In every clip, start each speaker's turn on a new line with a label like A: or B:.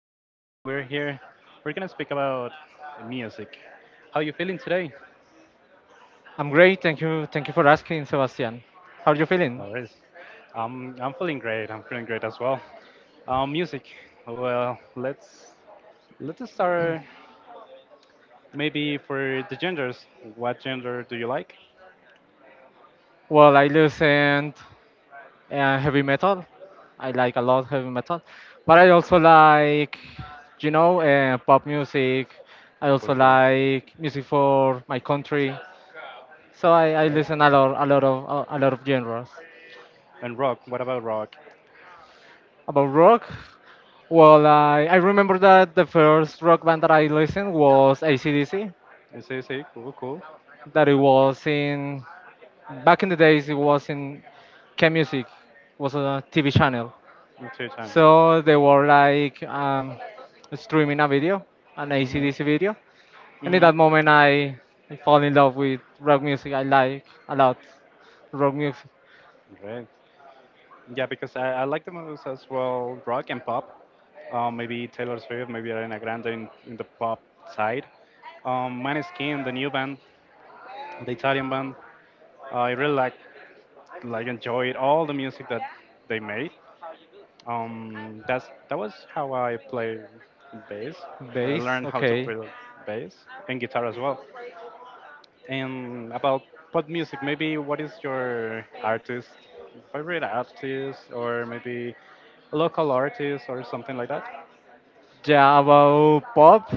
A: We're here. We're gonna speak about music. How you feeling today?
B: I'm great. Thank you. Thank you for asking, Sebastian. How are you feeling?
A: No worries. I'm feeling great. I'm feeling great as well. Music. Well, let's start maybe for the genders. What gender do you like?
B: Well, I listen heavy metal. I like a lot heavy metal, but I also like, pop music. I
A: Cool,
B: also
A: cool.
B: like music for my country. So I
A: Yes.
B: listen a lot, a lot of genres.
A: And rock. What about rock?
B: About rock, well, I remember that the first rock band that I listened was ACDC.
A: I see, I see. Cool, cool.
B: That it was in Back in the days, it was in K Music, was a TV channel.
A: In two time.
B: So they were like streaming a video, an
A: Hmm.
B: ACDC video. And in
A: Hmm.
B: that moment I fall in love with rock music. I like a lot rock music.
A: Great. Yeah, because I like the movies as well rock and pop. Maybe Taylor Swift, maybe Ariana Grande in the pop side. Maneskin, the new band, the Italian band. I really like enjoyed all the music that they made. That was how I play bass, or I
B: Bass,
A: learned how to
B: okay.
A: play bass and guitar as well. And about pop music, maybe what is your artist, favorite artist, or maybe local artist or something like that?
B: Yeah, about pop.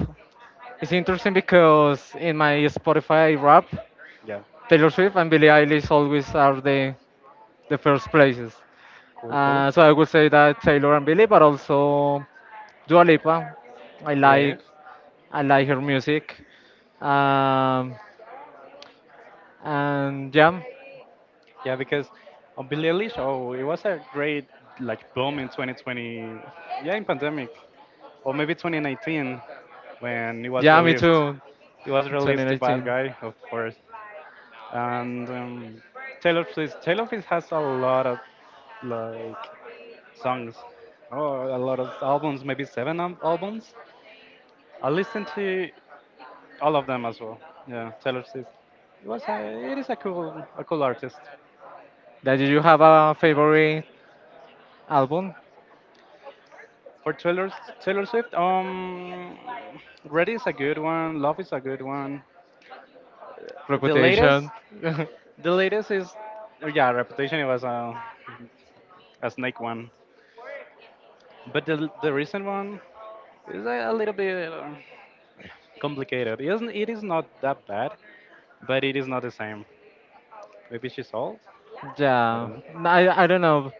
B: It's interesting because in my Spotify rap,
A: Yeah,
B: Taylor Swift and Billie Eilish always are the first places.
A: cool, cool,
B: So I would say that Taylor and Billy, but also Dua Lipa. I like
A: great.
B: I like her music. Um, and yeah,
A: Yeah, because on Billie Eilish, oh, it was a great like boom in 2020. Yeah, in pandemic, or maybe 2019 when it was
B: yeah, me
A: released.
B: too.
A: It was released the bad
B: 2019.
A: guy, of course, and Taylor Swift. Taylor Swift has a lot of like songs, or a lot of albums, maybe seven albums. I listened to all of them as well. Yeah, Taylor Swift. It is a cool artist.
B: That you have a favorite album?
A: For Taylor Swift, Ready is a good one. Love is a good one. The
B: Reputation.
A: latest, the latest is, yeah, Reputation. It was a snake one, but the recent one is a little bit complicated. It isn't. It is not that bad, but it is not the same. Maybe she's old. I
B: Yeah.
A: don't
B: No, I don't
A: know.
B: know.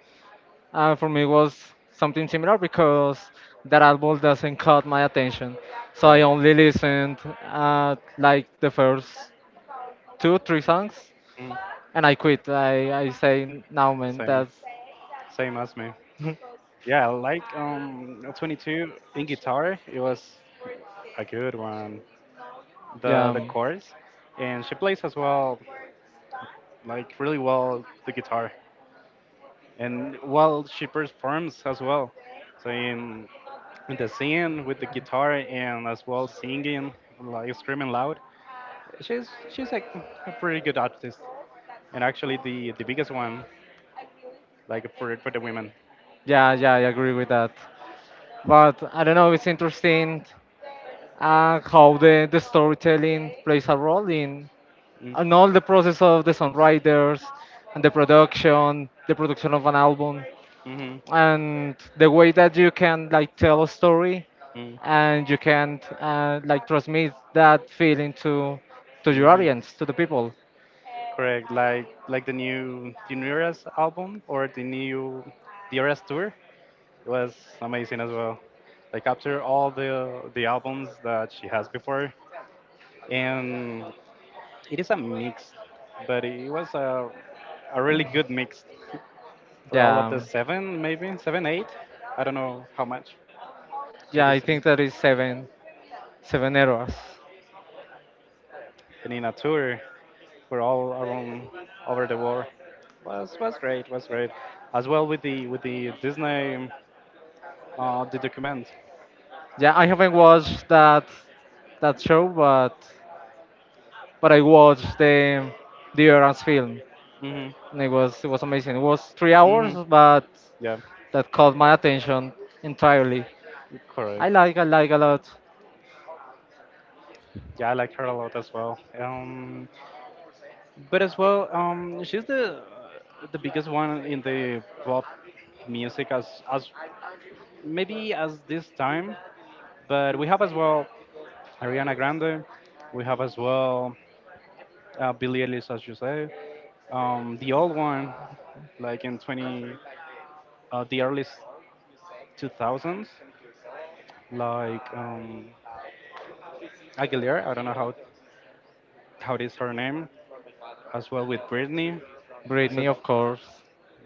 B: For me, it was something similar because that album doesn't caught my attention. So I
A: Correct.
B: only listened like the first two, three songs,
A: Mm,
B: and I quit. I say, now, man,
A: same,
B: that's.
A: same as me. Yeah, I like 22 in guitar. It was a good one.
B: Yeah,
A: The chorus, and she plays as well, like really well the guitar. And well, she performs as well. So in the scene with the guitar and as well singing, like screaming loud. She's like a pretty good artist, and actually the biggest one, like for the women.
B: yeah, yeah, I agree with that. But I don't know, it's interesting how the storytelling plays a role in
A: Mm.
B: and all the process of the
A: Like the,
B: songwriters and the
A: the production,
B: production, the
A: producing
B: production of
A: an
B: an album,
A: album. Mhm.
B: and the way that you can like tell a story,
A: Mm. And you
B: and you
A: can
B: can like
A: transmit
B: transmit
A: that
B: that
A: feeling
B: feeling
A: to,
B: to
A: to
B: to
A: the,
B: your
A: Mhm, audience,
B: audience, to
A: to
B: the
A: the people.
B: people.
A: Correct, like like the new Eras album or the Eras tour. It was amazing as well. Like after all the albums that she has before, and it is a mix, but it was a really good mix for all of the
B: Yeah,
A: seven, maybe seven, eight. I don't know how much.
B: yeah,
A: Maybe
B: I
A: some.
B: think that is seven errors.
A: And in a tour for all around over the world was great. Was great as well with the Disney. The document.
B: Yeah, I haven't watched that show, but I watched the Errors film,
A: Mhm.
B: and it was amazing. It was 3 hours,
A: Mhm.
B: but
A: Yeah.
B: that caught my attention entirely. I
A: Correct.
B: like, I like a lot
A: Yeah, I like her a lot as well. But as well, she's the biggest one in the pop music as maybe as this time. But we have as well Ariana Grande. We have as well Billie Eilish, as you say. The old one, like in 20, the early 2000s, like Aguilera. I don't know how it is her name. As well with Britney, is
B: Britney,
A: it
B: of course.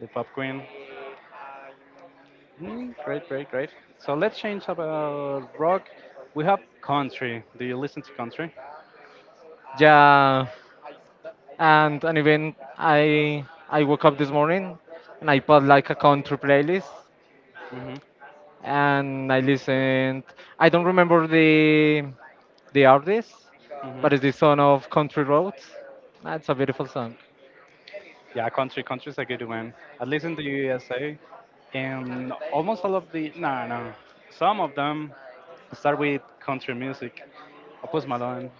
A: the pop queen? Mm, great, great, great. So let's change about rock. We have country. Do you listen to country?
B: Yeah, and even I woke up this morning and I put like a country playlist
A: Hmm.
B: and I listened. I don't remember the artist,
A: Hmm.
B: but it's the son of Country Roads. That's a beautiful song.
A: Yeah, country's a good one. At least in the USA, and almost all of the, no, no, some of them start with country music. Post Malone,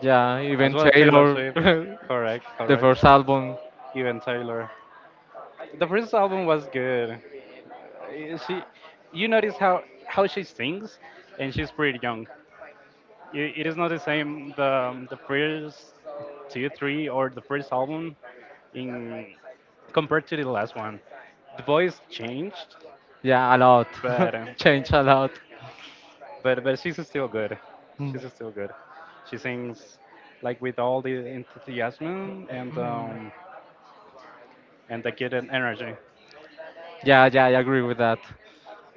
B: Yeah,
A: as
B: even
A: well Taylor
B: Taylor,
A: Swift. Correct,
B: the
A: correct.
B: first album.
A: Even Taylor. The first album was good. Uh, She, you notice how she sings, and she's pretty young. It is not the same the first two three or the first album in compared to the last one. The voice changed,
B: Yeah, a lot.
A: but uh,
B: Changed a lot.
A: but she's still good.
B: Mm.
A: She's still good. She sings like with all the enthusiasm and the good energy.
B: Yeah, yeah, I agree with that.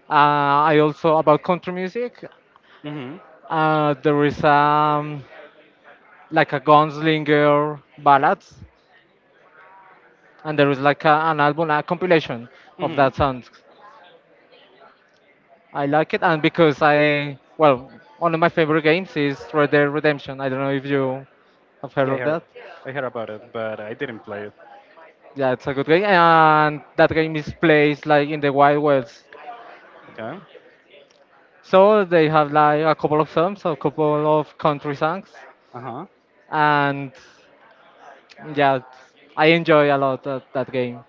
B: I also about country music.
A: Mhm.
B: There is like a gunslinger ballads, and there is like a, an album, a compilation of
A: Mhm.
B: that songs. I like it, and because I well, one of my favorite games is Red Dead Redemption. I don't know if you have heard
A: Yeah, I
B: of
A: heard.
B: that.
A: I heard about it, but I didn't play it.
B: Yeah, it's a good game, and that game is placed like in the Wild West.
A: Okay.
B: So they have like a couple of songs, a couple of country songs,
A: Uh huh.
B: and yeah, I enjoy a lot that, that game.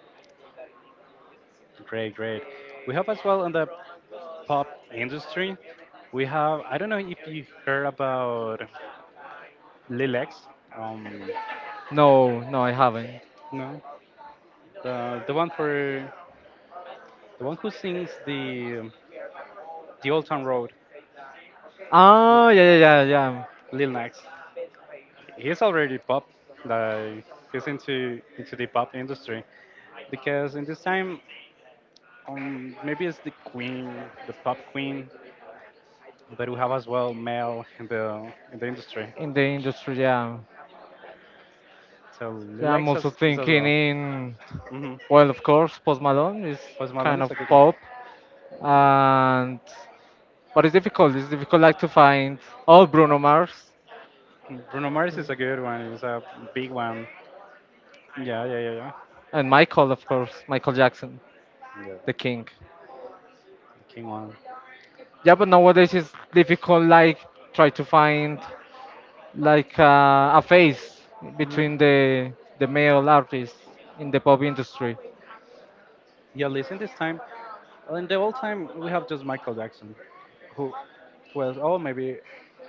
A: Great, great. We have as well on the pop industry. We have, I don't know if you heard about Lil X. Um,
B: No, no, I haven't.
A: no, the one for the one who sings the Old Town Road,
B: Ah, yeah, yeah, yeah, yeah.
A: Lil Nas. He's already pop. Like he's into the pop industry because in this time, maybe it's the queen, the pop queen, but we have as well male in the industry.
B: In the industry, yeah.
A: So Lil
B: Yeah, I'm
A: X
B: also
A: is as
B: thinking
A: well.
B: in,
A: Hmm.
B: well, of course, Post Malone is
A: Post Malone
B: kind
A: is
B: of
A: a good one.
B: pop, and but it's difficult. It's difficult like to find oh Bruno Mars
A: Bruno Mars is a good one. It's a big one. Yeah, yeah, yeah, yeah.
B: and Michael, of course, Michael Jackson,
A: Yeah.
B: the king.
A: The king one.
B: Yeah, but nowadays it's difficult like try to find like a phase
A: Hmm.
B: between the male artists in the pop industry.
A: Yeah, listen this time. In the old time, we have just Michael Jackson, who was, oh, maybe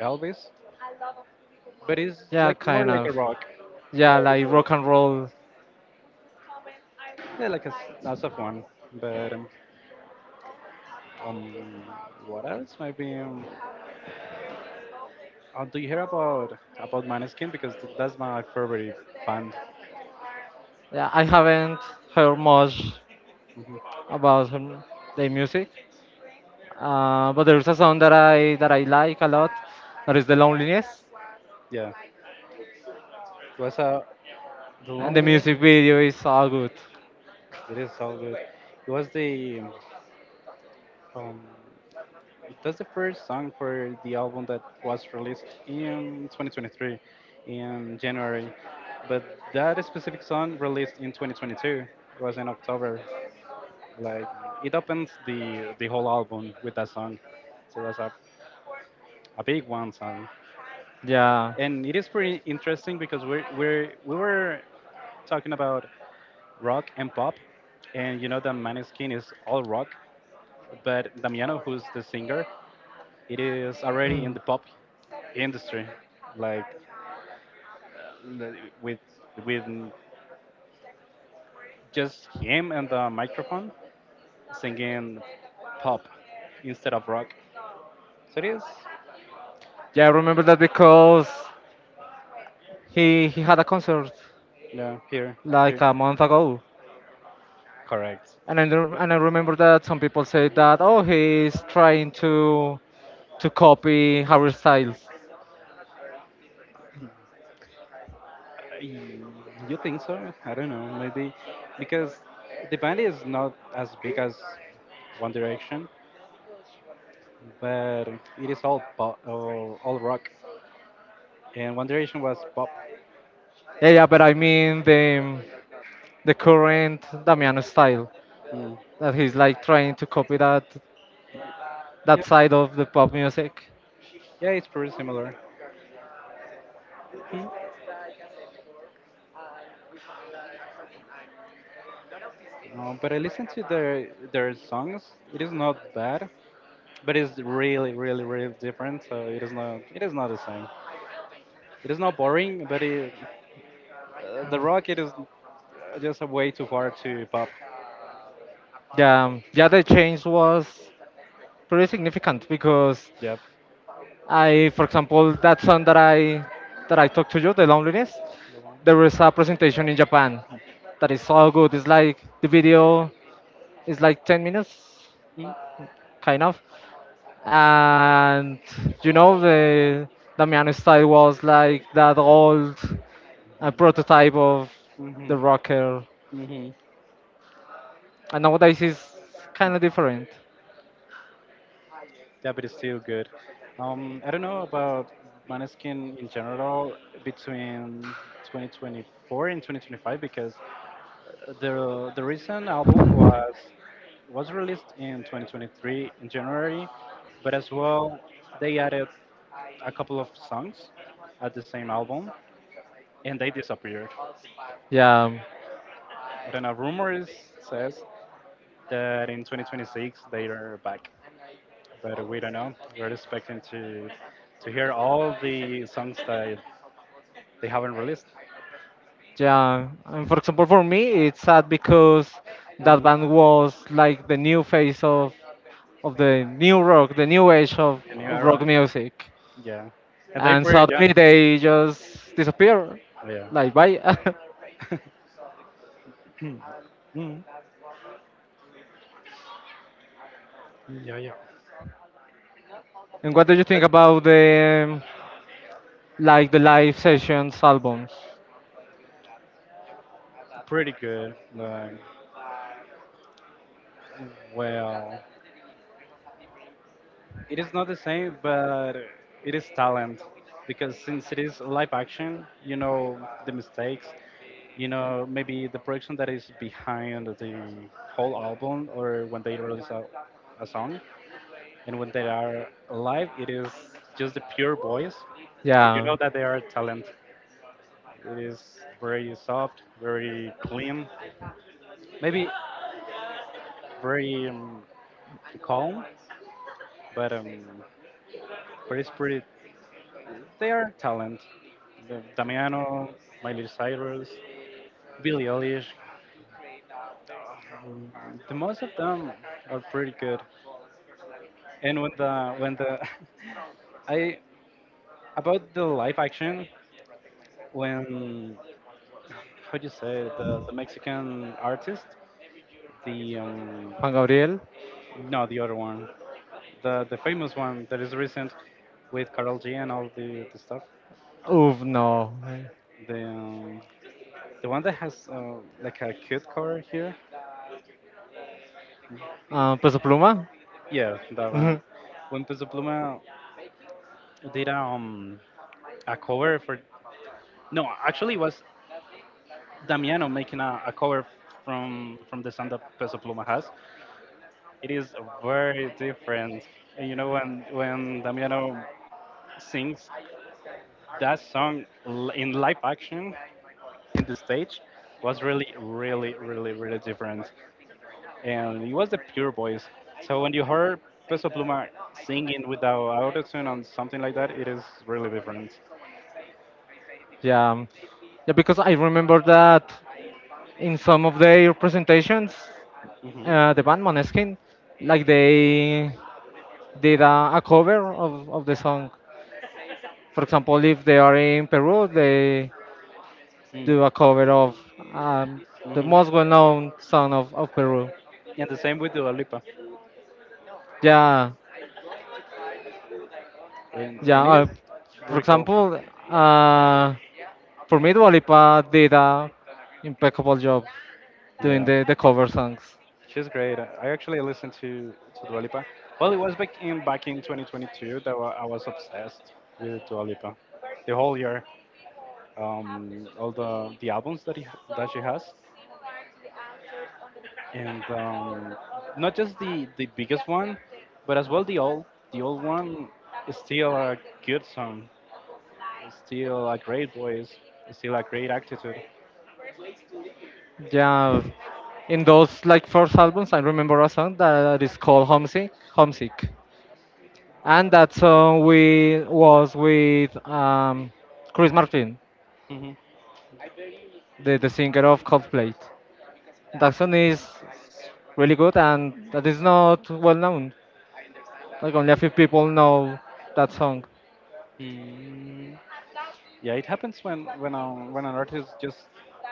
A: Elvis, but it's
B: Yeah,
A: like more
B: kind
A: like
B: of.
A: a rock. Yeah,
B: Yeah,
A: it's a
B: like
A: rock.
B: rock and roll.
A: Yeah, like a soft one. But um, what else? Maybe. Do you hear about Maneskin? Because that's my favorite band.
B: Yeah, I haven't heard much about their music, but there's a song that I like a lot. That
A: Mhm.
B: is the loneliness,
A: Yeah, it was a, The
B: and the
A: Lonely,
B: music video is so good.
A: it is so good. It was the um, that's the first song for the album that was released in 2023 in January, but that specific song released in 2022. It was in October. Like it opens the whole album with that song, so it was a big one song,
B: Yeah.
A: and it is pretty interesting because we were talking about rock and pop, and you know that Maneskin is all rock, but Damiano, who's the singer, it is already in the pop industry, like uh, with with just him and the microphone singing pop instead of rock. So it is,
B: Yeah, I remember that because he had a concert
A: yeah, here,
B: like
A: here,
B: a month ago.
A: correct.
B: And I remember that some people say that, oh, he's trying to copy Harry Styles.
A: I- You think so? I don't know, maybe because the band is not as big as One Direction, but it is all pop, all rock. And One Direction was pop.
B: Yeah, yeah, but I mean the current Damiano style
A: Mm.
B: that he's like trying to copy that
A: Yeah,
B: that side of the pop music.
A: yeah, it's pretty similar. Hmm. No, but I listen to their songs. It is not bad, but it's really, really, really different. So it is not the same. It is not boring, but the rock it is just a way too far to pop.
B: Yeah, yeah, the change was pretty significant because
A: Yep.
B: I, for example, that song that I talked to you, the loneliness,
A: The one.
B: there was a presentation in Japan that is so good. It's like the video is like 10 minutes kind of. And the Damiano style was like that old prototype of
A: Hmm. Hmm?
B: the
A: Mhm.
B: rocker,
A: Mhm.
B: and nowadays it's kind
A: Mhm.
B: of different.
A: Yeah, but it's still good. I don't know about Maneskin in general between 2024 and 2025 because the recent album was released in 2023 in January, but as well they added a couple of songs at the same album and they disappeared.
B: Yeah,
A: I don't know. Rumors says that in 2026 they are back. But we don't know. We're expecting to hear all the songs that they haven't released.
B: yeah. And for example, for me, it's sad because that
A: Mhm.
B: band was like the new face of the new rock, the new age of
A: The new
B: rock
A: era,
B: music,
A: yeah. And they
B: and
A: pretty young,
B: suddenly they just disappear,
A: yeah.
B: like bye.
A: Mhm. Yeah, yeah.
B: And what do you think about the the live sessions albums.
A: Pretty good. Like, well, it is not the same, but it is talent because since it is live action, you know the mistakes, maybe the production that is behind the whole album or when they release a song. And when they are live, it is just the pure voice. And you know
B: Yeah.
A: that they are talent. It is very soft, very clean, maybe very calm, but um, but it's pretty. They are talent. Damiano, Miley Cyrus, Billie Eilish, mm, the most of them are pretty good. And when the I, about the live action, when how do you say it, the Mexican artist, the,
B: Juan Gabriel.
A: no, the other one, the famous one that is recent with Karol G and all the stuff,
B: Oof, no.
A: the um, the one that has like a cute cover here,
B: Peso Pluma.
A: yeah, that one. When Peso Pluma did a cover for, no, actually it was Damiano making a cover from the song that Peso Pluma has. It is very different. And you know, when Damiano sings that song in live action in the stage was really, really, really, really different. And it was the pure voice. So when you heard Peso Pluma singing without autotune on something like that, it is really different.
B: Yeah. Yeah, because I remember that in some of their presentations,
A: Hmm.
B: the band Måneskin, like they did a cover of the song. For example, if they are in Peru, they
A: Mm-hmm.
B: do a cover of um, the
A: Mm-hmm.
B: most well-known song of Peru.
A: And the same with Dua Lipa.
B: Yeah,
A: And,
B: yeah.
A: and it is
B: For
A: very cool.
B: example, uh, for me, Dua Lipa did a impeccable job doing
A: Yeah.
B: the cover songs.
A: She's great. I actually listened to Dua Lipa. Well, it was back in 2022 that I was obsessed with Dua Lipa. The whole year, all the albums that that she has, and not just the biggest one, but as well the old one is still a good song. It's still a great voice. It's still a great attitude.
B: Yeah, in those like first albums, I remember a song that is called Homesick, and that song we was with Chris Martin, the singer of Coldplay. That song is really good, and that is not well known. Like only a few people know that song.
A: Hmm. Yeah, it happens when when an artist just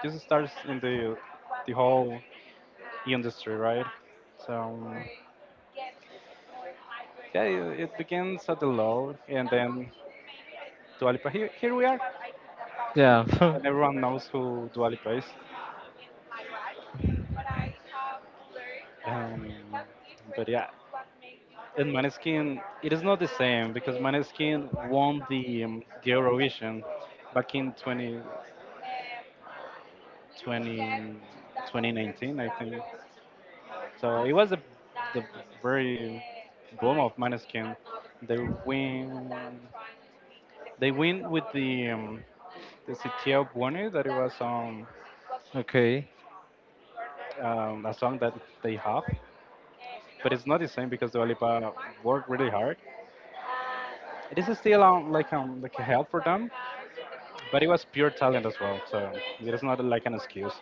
A: just starts in the whole industry, right? so um, yeah, it begins at the low, and then Dua Lipa, here we are. And everyone knows who Dua Lipa is. um, but yeah, in Maneskin it is not the same because Maneskin won the Eurovision back in 20, 20 2019, I think. So it was the very boom of Maneskin. They win. They win with the CTO Buoni, that it was a song that they have. But it's not the same because Dua Lipa worked really hard. It is still like, like a help for them, but it was pure talent as well. So it is not like an excuse.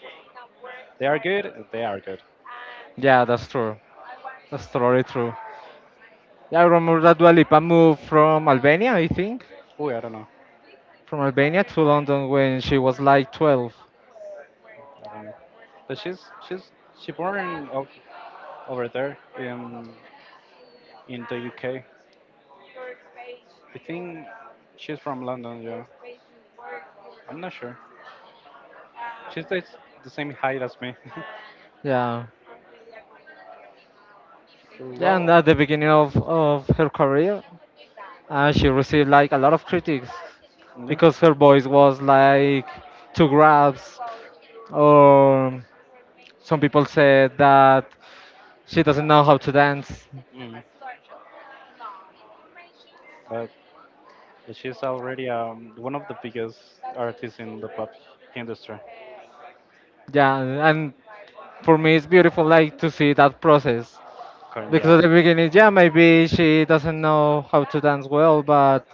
A: They are good. They are good.
B: Yeah, that's true. That's totally true. Yeah, I remember that Dua Lipa moved from Albania, I think,
A: Oh, I don't know.
B: from Albania to London when she was like 12.
A: I don't know. But she's she born of, over there in the UK. I think she's from London, yeah. I'm not sure. She's the same height as me.
B: Yeah, yeah, and at
A: Well,
B: the beginning of her career, she received like a lot of critics
A: yeah.
B: because her voice was like too grabs, or some people said that she doesn't know how to dance.
A: Mm. But she's already one of the biggest artists in the pop industry.
B: Yeah, and for me it's beautiful like to see that process
A: Yeah.
B: because at the beginning, yeah, maybe she doesn't know how to dance well, but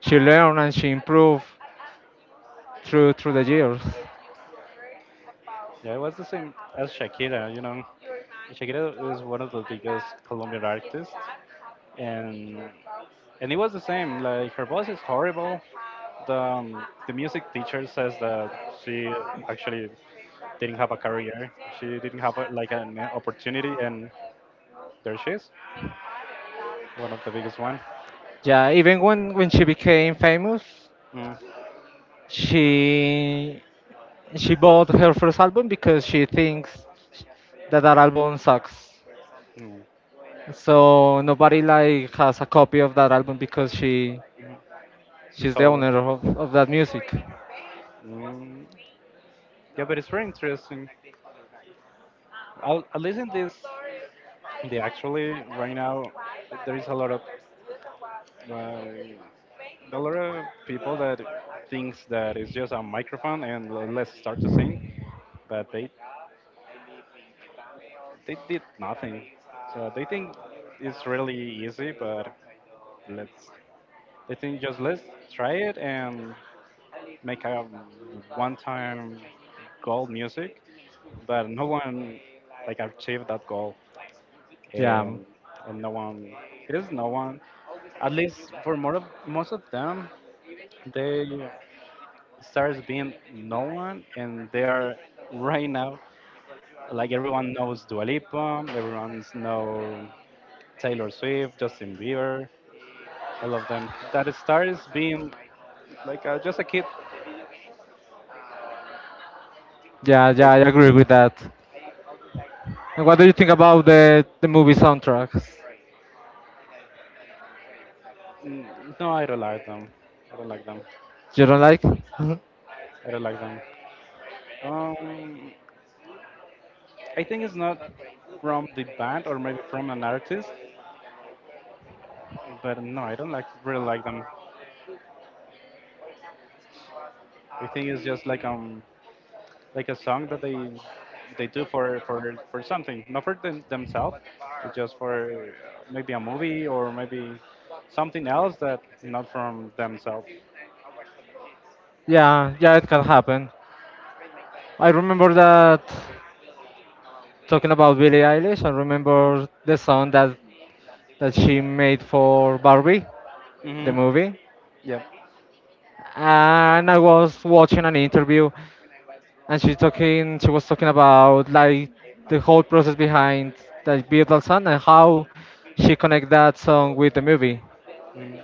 B: she learned and she improved through the years.
A: Yeah, it was the same as Shakira, you know. Shakira is one of the biggest Colombian artists. and and it was the same. Like, her voice is horrible. The the music teacher says that she actually didn't have a career. She didn't have a, like, an opportunity, and there she is, one of the biggest one.
B: Yeah, even when she became famous,
A: Mm,
B: she she bought her first album because she thinks that that album sucks.
A: mm,
B: So nobody like has a copy of that album because she
A: mm.
B: she's
A: She's
B: the
A: older.
B: owner of that music.
A: Mm, yeah, but it's very interesting. I'll, at least in this, they actually right now there is a lot of. Uh, a lot of people that thinks that it's just a microphone and let's start to sing, but they did nothing. So they think it's really easy, but let's, they think, just let's try it and make a one-time goal music, but no one like achieved that goal,
B: Yeah,
A: and and no one, it is no one, at least for more of most of them, they starts being known, and they are right now, like, everyone knows Dua Lipa, everyone's know Taylor Swift, Justin Bieber, all of them. That starts being like just a kid.
B: yeah, yeah. I agree with that. And what do you think about the movie soundtracks?
A: Mm, no, I don't like them. I don't like them.
B: You don't like?
A: I don't like them. Um, I think it's not from the band or maybe from an artist, but no, I don't like really like them. I think it's just like, like a song that they do for for something, not for them, themselves, but just for maybe a movie or maybe something else, that not from themselves.
B: Yeah, yeah, it can happen. I remember that talking about Billie Eilish. I remember the song that she made for Barbie, the
A: Hmm.
B: movie.
A: Yep.
B: And I was watching an interview, and she talking. She was talking about like the whole process behind that beautiful song and how she connect that song with the movie,
A: Mm,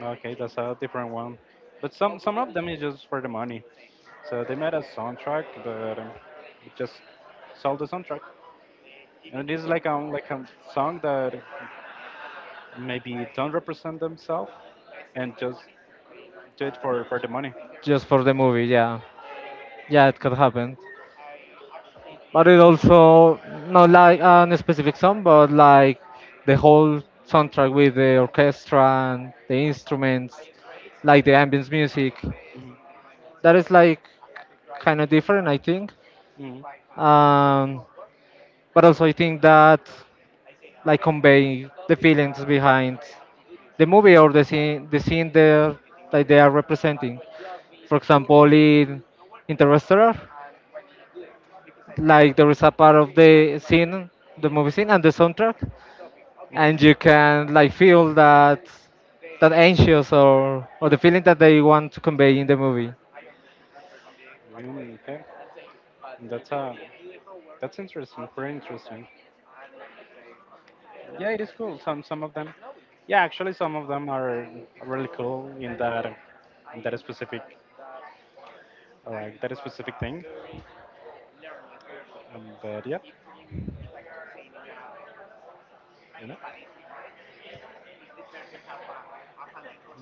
A: okay, that's a different one. But some of them is just for the money. So they made a soundtrack, but it just sold the soundtrack, and it is like, like a song that maybe don't represent themselves and just do it for the money.
B: just for the movie. Yeah. Yeah, it could happen. But it also not like a specific song, but like the whole soundtrack with the orchestra and the instruments, like the ambience music.
A: Mhm.
B: That is like kind of different, I think. Um, but also, I think that like convey the feelings behind the movie or the scene there, like they are representing. For example, in Interstellar, like there is a part of the scene, the movie
A: Mhm.
B: scene, and the soundtrack,
A: Okay. Mhm.
B: and you can like feel that anxious or the feeling that they want to convey in the movie.
A: Mm, okay, that's a that's interesting. Very interesting. Yeah, it is cool. Some of them. Yeah, actually, some of them are really cool in that specific, like, that specific thing. But yeah, you know,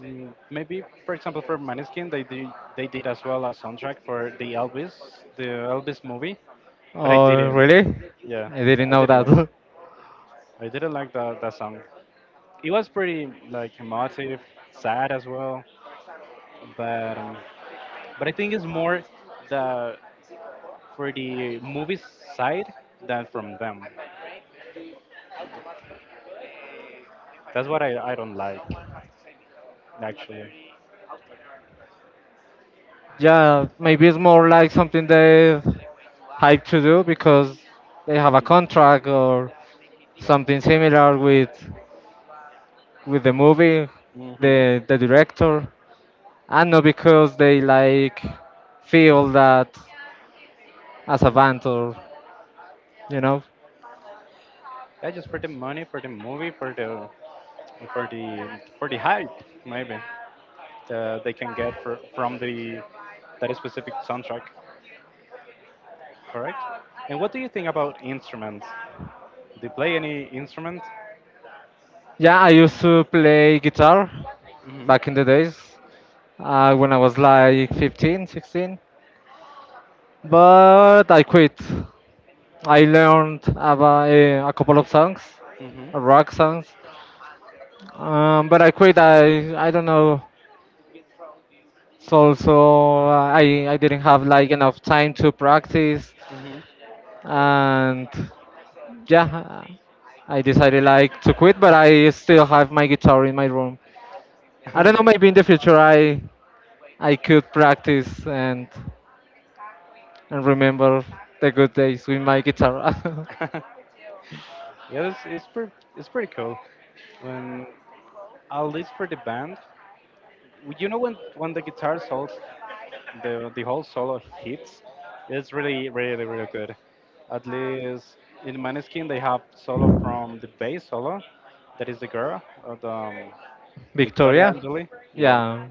A: mm, maybe for example for Maneskin, they did as well a soundtrack for the Elvis, the Elvis movie. But I
B: Oh,
A: didn't.
B: really?
A: Yeah,
B: I didn't
A: I
B: know
A: didn't like.
B: that.
A: I didn't like that song. It was pretty like emotive, sad as well, but um, but I think it's more the, for the movie side than from them. That's what I don't like, actually.
B: Yeah, maybe it's more like something they hype to do because they have a contract or
A: Yeah.
B: something similar with the movie,
A: Hmm.
B: the director, and not because they like feel that as a band or you know.
A: Yeah, just for the money, for the movie, for the, for the, for the hype maybe, that they can get for, from the, that specific soundtrack, correct? And what do you think about instruments? Do you play any instrument?
B: Yeah, I used to play guitar
A: Hmm.
B: back in the days when I was like 15, 16, but I quit. I learned about a couple of songs,
A: Hmm.
B: rock songs, but I quit. I don't know. So also I didn't have like enough time to practice, and yeah, I decided like to quit. But I still have my guitar in my room. I
A: Hmm.
B: don't know. Maybe in the future, I could practice
A: Yeah.
B: and remember the good days with my guitar.
A: Yeah, it's pretty, it's pretty cool. When, at least for the band, you know, when the guitar solos, the whole solo hits, it's really really good. At least in Maneskin they have solo from the bass solo, that is the girl, the Victoria
B: Victoria,
A: Angeli. Yeah,
B: yeah,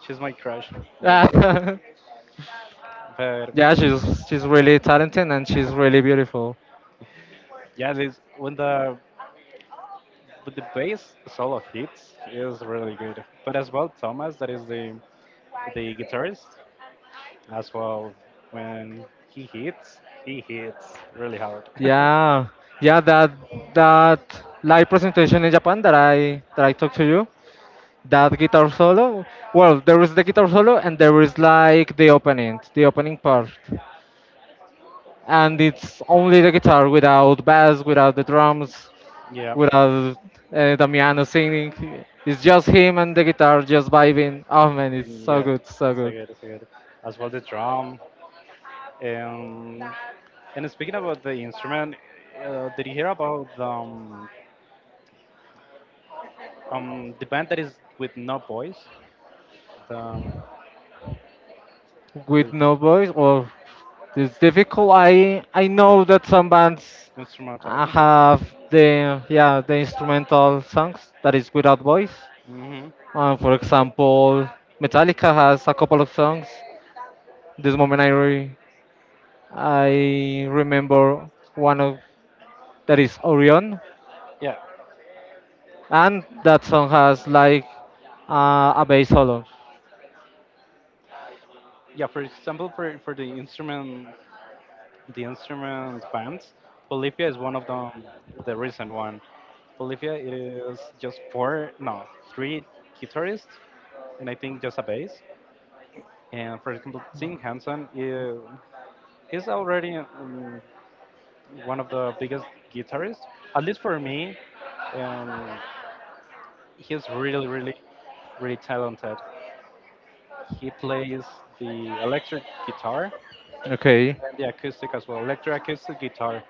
A: she's my crush. Yeah.
B: yeah,
A: But
B: yeah. She's really talented and she's really beautiful.
A: yeah, this when the, but the bass solo hits is really good. But as well, Thomas, that is the guitarist, as well, when he hits really hard.
B: Yeah, yeah. That live presentation in Japan that I talked to you. That guitar solo. Well, there is the guitar solo and there is like the opening part. And it's only the guitar without bass, without the drums,
A: Yeah,
B: without Damiano singing. It's just him and the guitar just vibing. Oh man, it's so
A: yeah,
B: good, so
A: that's a
B: good.
A: good, that's a good. As well, the drum. Um, and speaking about the instrument, did you hear about the band that is with no voice, the, with
B: With no voice, or it's difficult. I know that some bands
A: instrumental?
B: have the instrumental songs that is without voice.
A: Hmm.
B: For example, Metallica has a couple of songs. This moment I remember one of that is Orion,
A: Yeah,
B: and that song has like a bass solo.
A: yeah, for example for the instrument, the instrument bands, Bolivia is one of them, the recent one. Bolivia, it is just four, no, three guitarists, and I think just a bass. And for example, Tim Hansen is already, one of the biggest guitarists, at least for me. um, he's really really talented. He plays the electric guitar and
B: Okay,
A: the acoustic as well, electric acoustic guitar,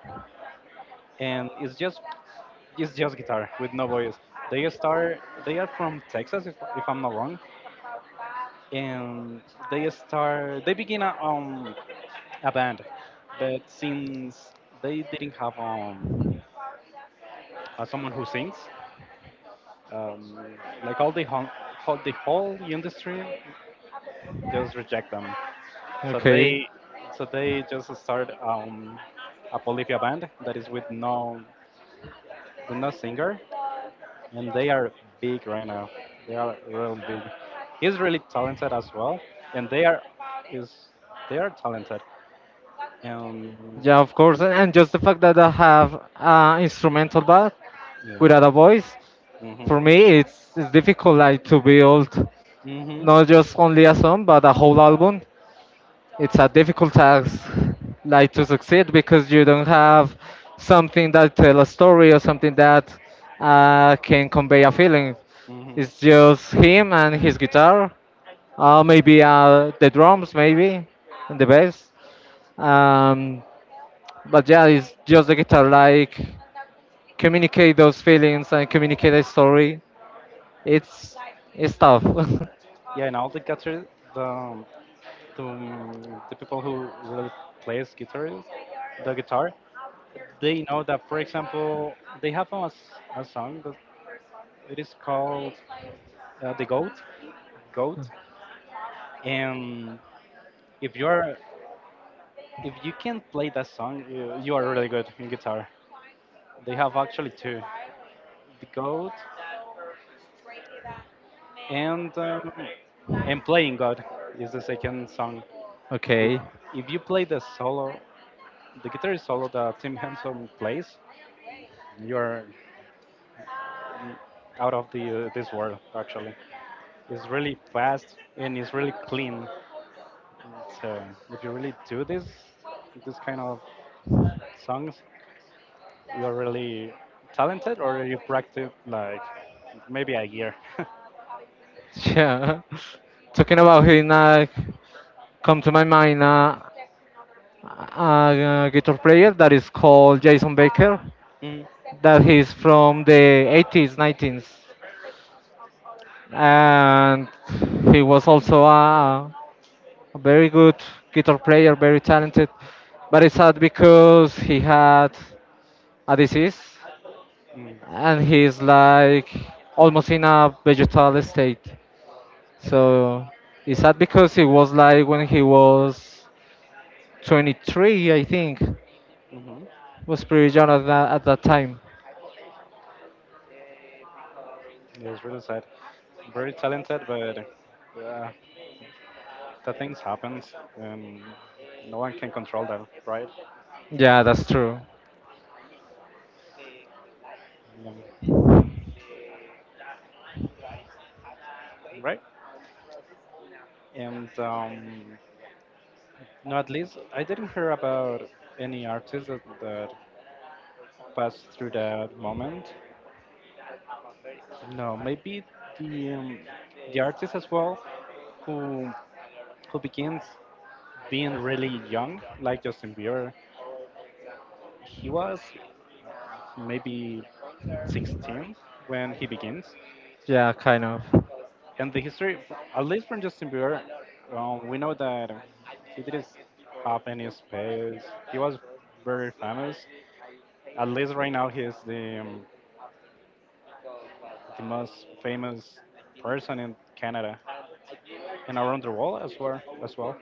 A: and it's just, it's just guitar with no voice. They are from Texas, if I'm not wrong, and they begin a band, but since they didn't have, someone who sings, um, like all the whole, whole the whole industry just reject them. So
B: okay,
A: they so they just start, a Bolivia band that is with no, with no singer, and they are big right now. They are really big. He's really talented as well, and is they are talented. Um,
B: yeah, of course, and just the fact that I have instrumental bass
A: yeah.
B: without a voice,
A: Mhm.
B: for me, it's difficult like to build
A: Mhm.
B: not just only a song but a whole album. It's a difficult task like to succeed because you don't have something that tell a story or something that can convey a feeling.
A: Mhm.
B: It's just him and his guitar or maybe the drums maybe and the bass. um, but yeah, it's just the guitar like communicate those feelings and communicate a story. It's it's tough.
A: Yeah, and all the guitar, the the people who really plays guitar, the guitar, they know that, for example, they have a, a song that it is called, "The Goat," Goat, and if you're, if you can play that song, you are really good in guitar. They have actually two, "The Goat" and um, and "Playing God" is the second song. If
B: Okay,
A: if you play the solo, the guitar solo that Tim Henson plays, you're out of the, this world. Actually, it's really fast and it's really clean. And so if you really do this, this kind of songs, you're really talented or you practice like maybe a year.
B: yeah. Talking about him, come to my mind a guitar player that is called Jason Baker,
A: Mm,
B: that he's from the 80s, 90s, and he was also a very good guitar player, very talented. But it's sad because he had a disease,
A: mm,
B: and he's like almost in a vegetal state. So it's sad because it was like when he was 23, I think,
A: mhm.
B: was pretty young at that time.
A: Yeah, it's really sad. Very talented, but yeah, that things happens and no one can control them, right?
B: Yeah, that's true.
A: Um, right? And No, at least I didn't hear about any artist that passed through that moment. No, maybe the um, the artist as well who who begins being really young, like Justin Bieber. He was maybe 16 when he begins.
B: Yeah, kind of.
A: And the history, at least from Justin Bieber, we know that he didn't have any space. He was very famous. At least right now, he is the most famous person in Canada and around the world as well. As well,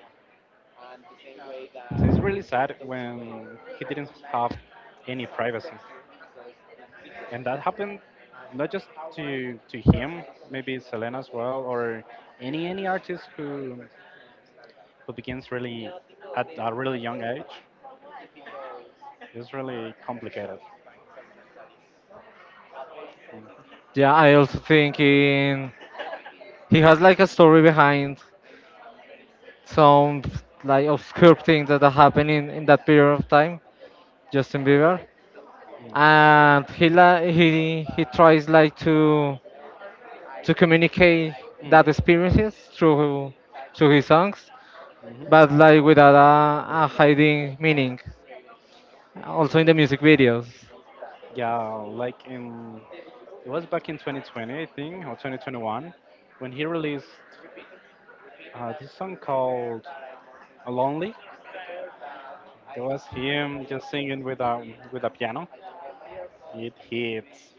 A: so it's really sad when he didn't have any privacy, and that happened not just to him, maybe Selena as well, or any artist who begins really at a really young age is really complicated. Mm,
B: Yeah, I also thinking he has like a story behind some like
A: mm,
B: obscure things
A: mm,
B: that are happening in that period of time, Justin Bieber, and he la- he tries like to communicate that experiences through his songs,
A: mm, mhm.
B: but like without a hiding meaning, also in the music videos.
A: Yeah, like in, it was back in 2020, I think, or 2021, when he released this song called "Lonely." It was him just singing with a, with a piano. It hits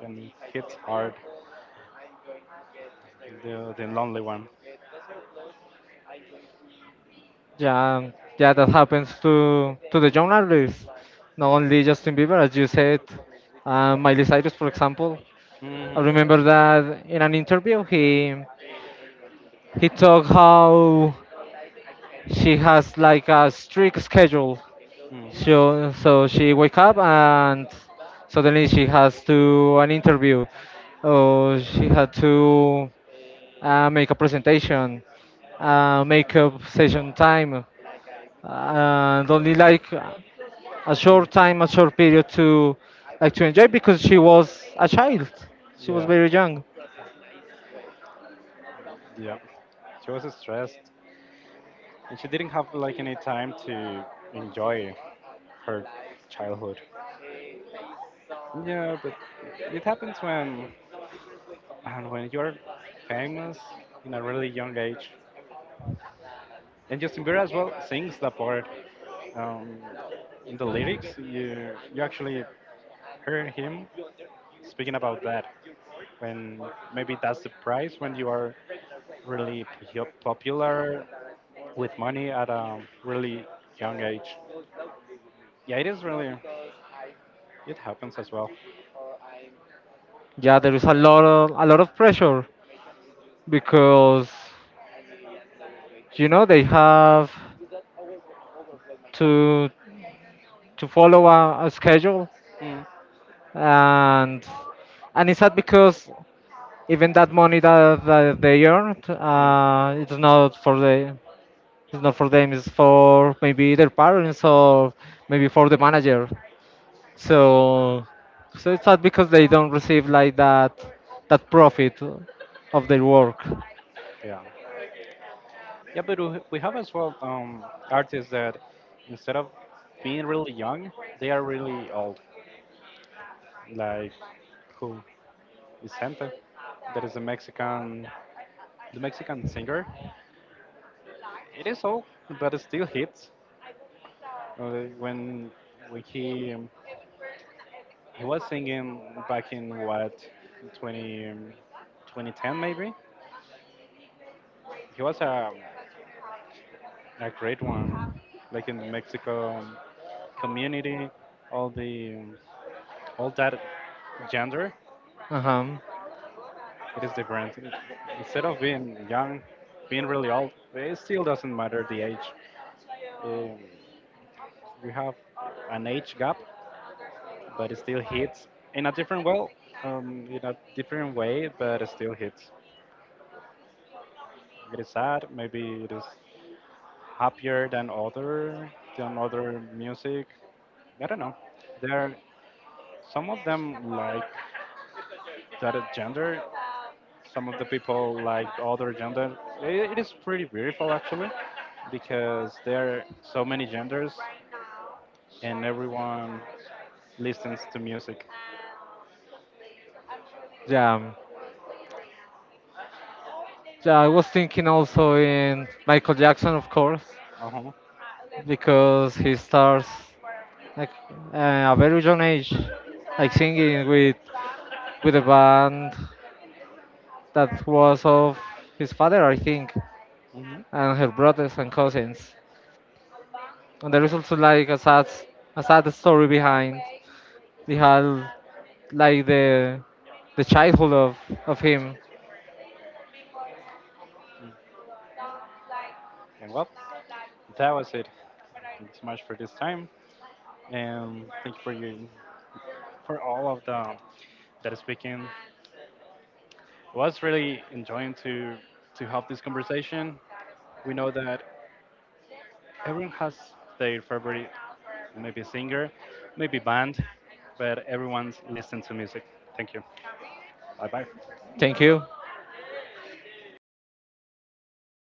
A: and it hits hard. The lonely one.
B: Yeah, yeah, that happens to the young artists. Not only Justin Bieber, as you said, Miley Cyrus, for example. I
A: Hmm.
B: remember that in an interview, he talked how she has like a strict schedule.
A: Mm.
B: So she wake up and suddenly she has to an interview, or she had to make a presentation, make up session time, and only like a short time, a short period to like to enjoy because she was a child. She was
A: Yeah.
B: very young.
A: Yeah, she was stressed and she didn't have like any time to enjoy her childhood. Yeah, but it happens when and when you're famous in a really young age. And Justin Bieber as well sings the part. Um, in the lyrics, you actually hear him speaking about that. When, maybe that's the price when you are really popular with money at a really young age. Yeah, it is really. It happens as well.
B: Yeah, there is a lot of pressure because you know they have to to follow a schedule,
A: Mm,
B: and and it's sad because even that money that they earned
A: mm,
B: it's not for the it's not for them, it's for maybe their parents or maybe for the manager. So, so it's not because they don't receive like that profit of their work.
A: yeah, yeah, but we have as well, artists that instead of being really young, they are really old. Like who? Vicente, that is a Mexican, the Mexican singer. It is old, but it still hits. When when he um, he was singing back in what, 20, um, 2010 maybe. He was a great one, like in the Mexico community, all the all that gender.
B: Uh-huh.
A: It is different. Instead of being young, being really old, it still doesn't matter the age. Um, we have an age gap, but it still hits in a different well, in a different way, but it still hits. It is sad. Maybe it is happier than other, than other music. I don't know. There, some of them like that gender. Some of the people like other gender. It is pretty beautiful actually, because there are so many genders and everyone listens to music.
B: Yeah. Yeah, I was thinking also in Michael Jackson, of course,
A: Uh huh.
B: because he starts like uh, a very young age, like singing with a band that was of his father, I think,
A: Hmm.
B: and her brothers and cousins. And there is also like a sad story behind. They had like the childhood of him.
A: And well, that was it. Thank you so much for this time, and thank you for you, for all of the, that is speaking. It was really enjoying to have this conversation. We know that everyone has their favorite, maybe singer, maybe band, but everyone's listening to music. Thank you. Bye bye.
B: Thank you.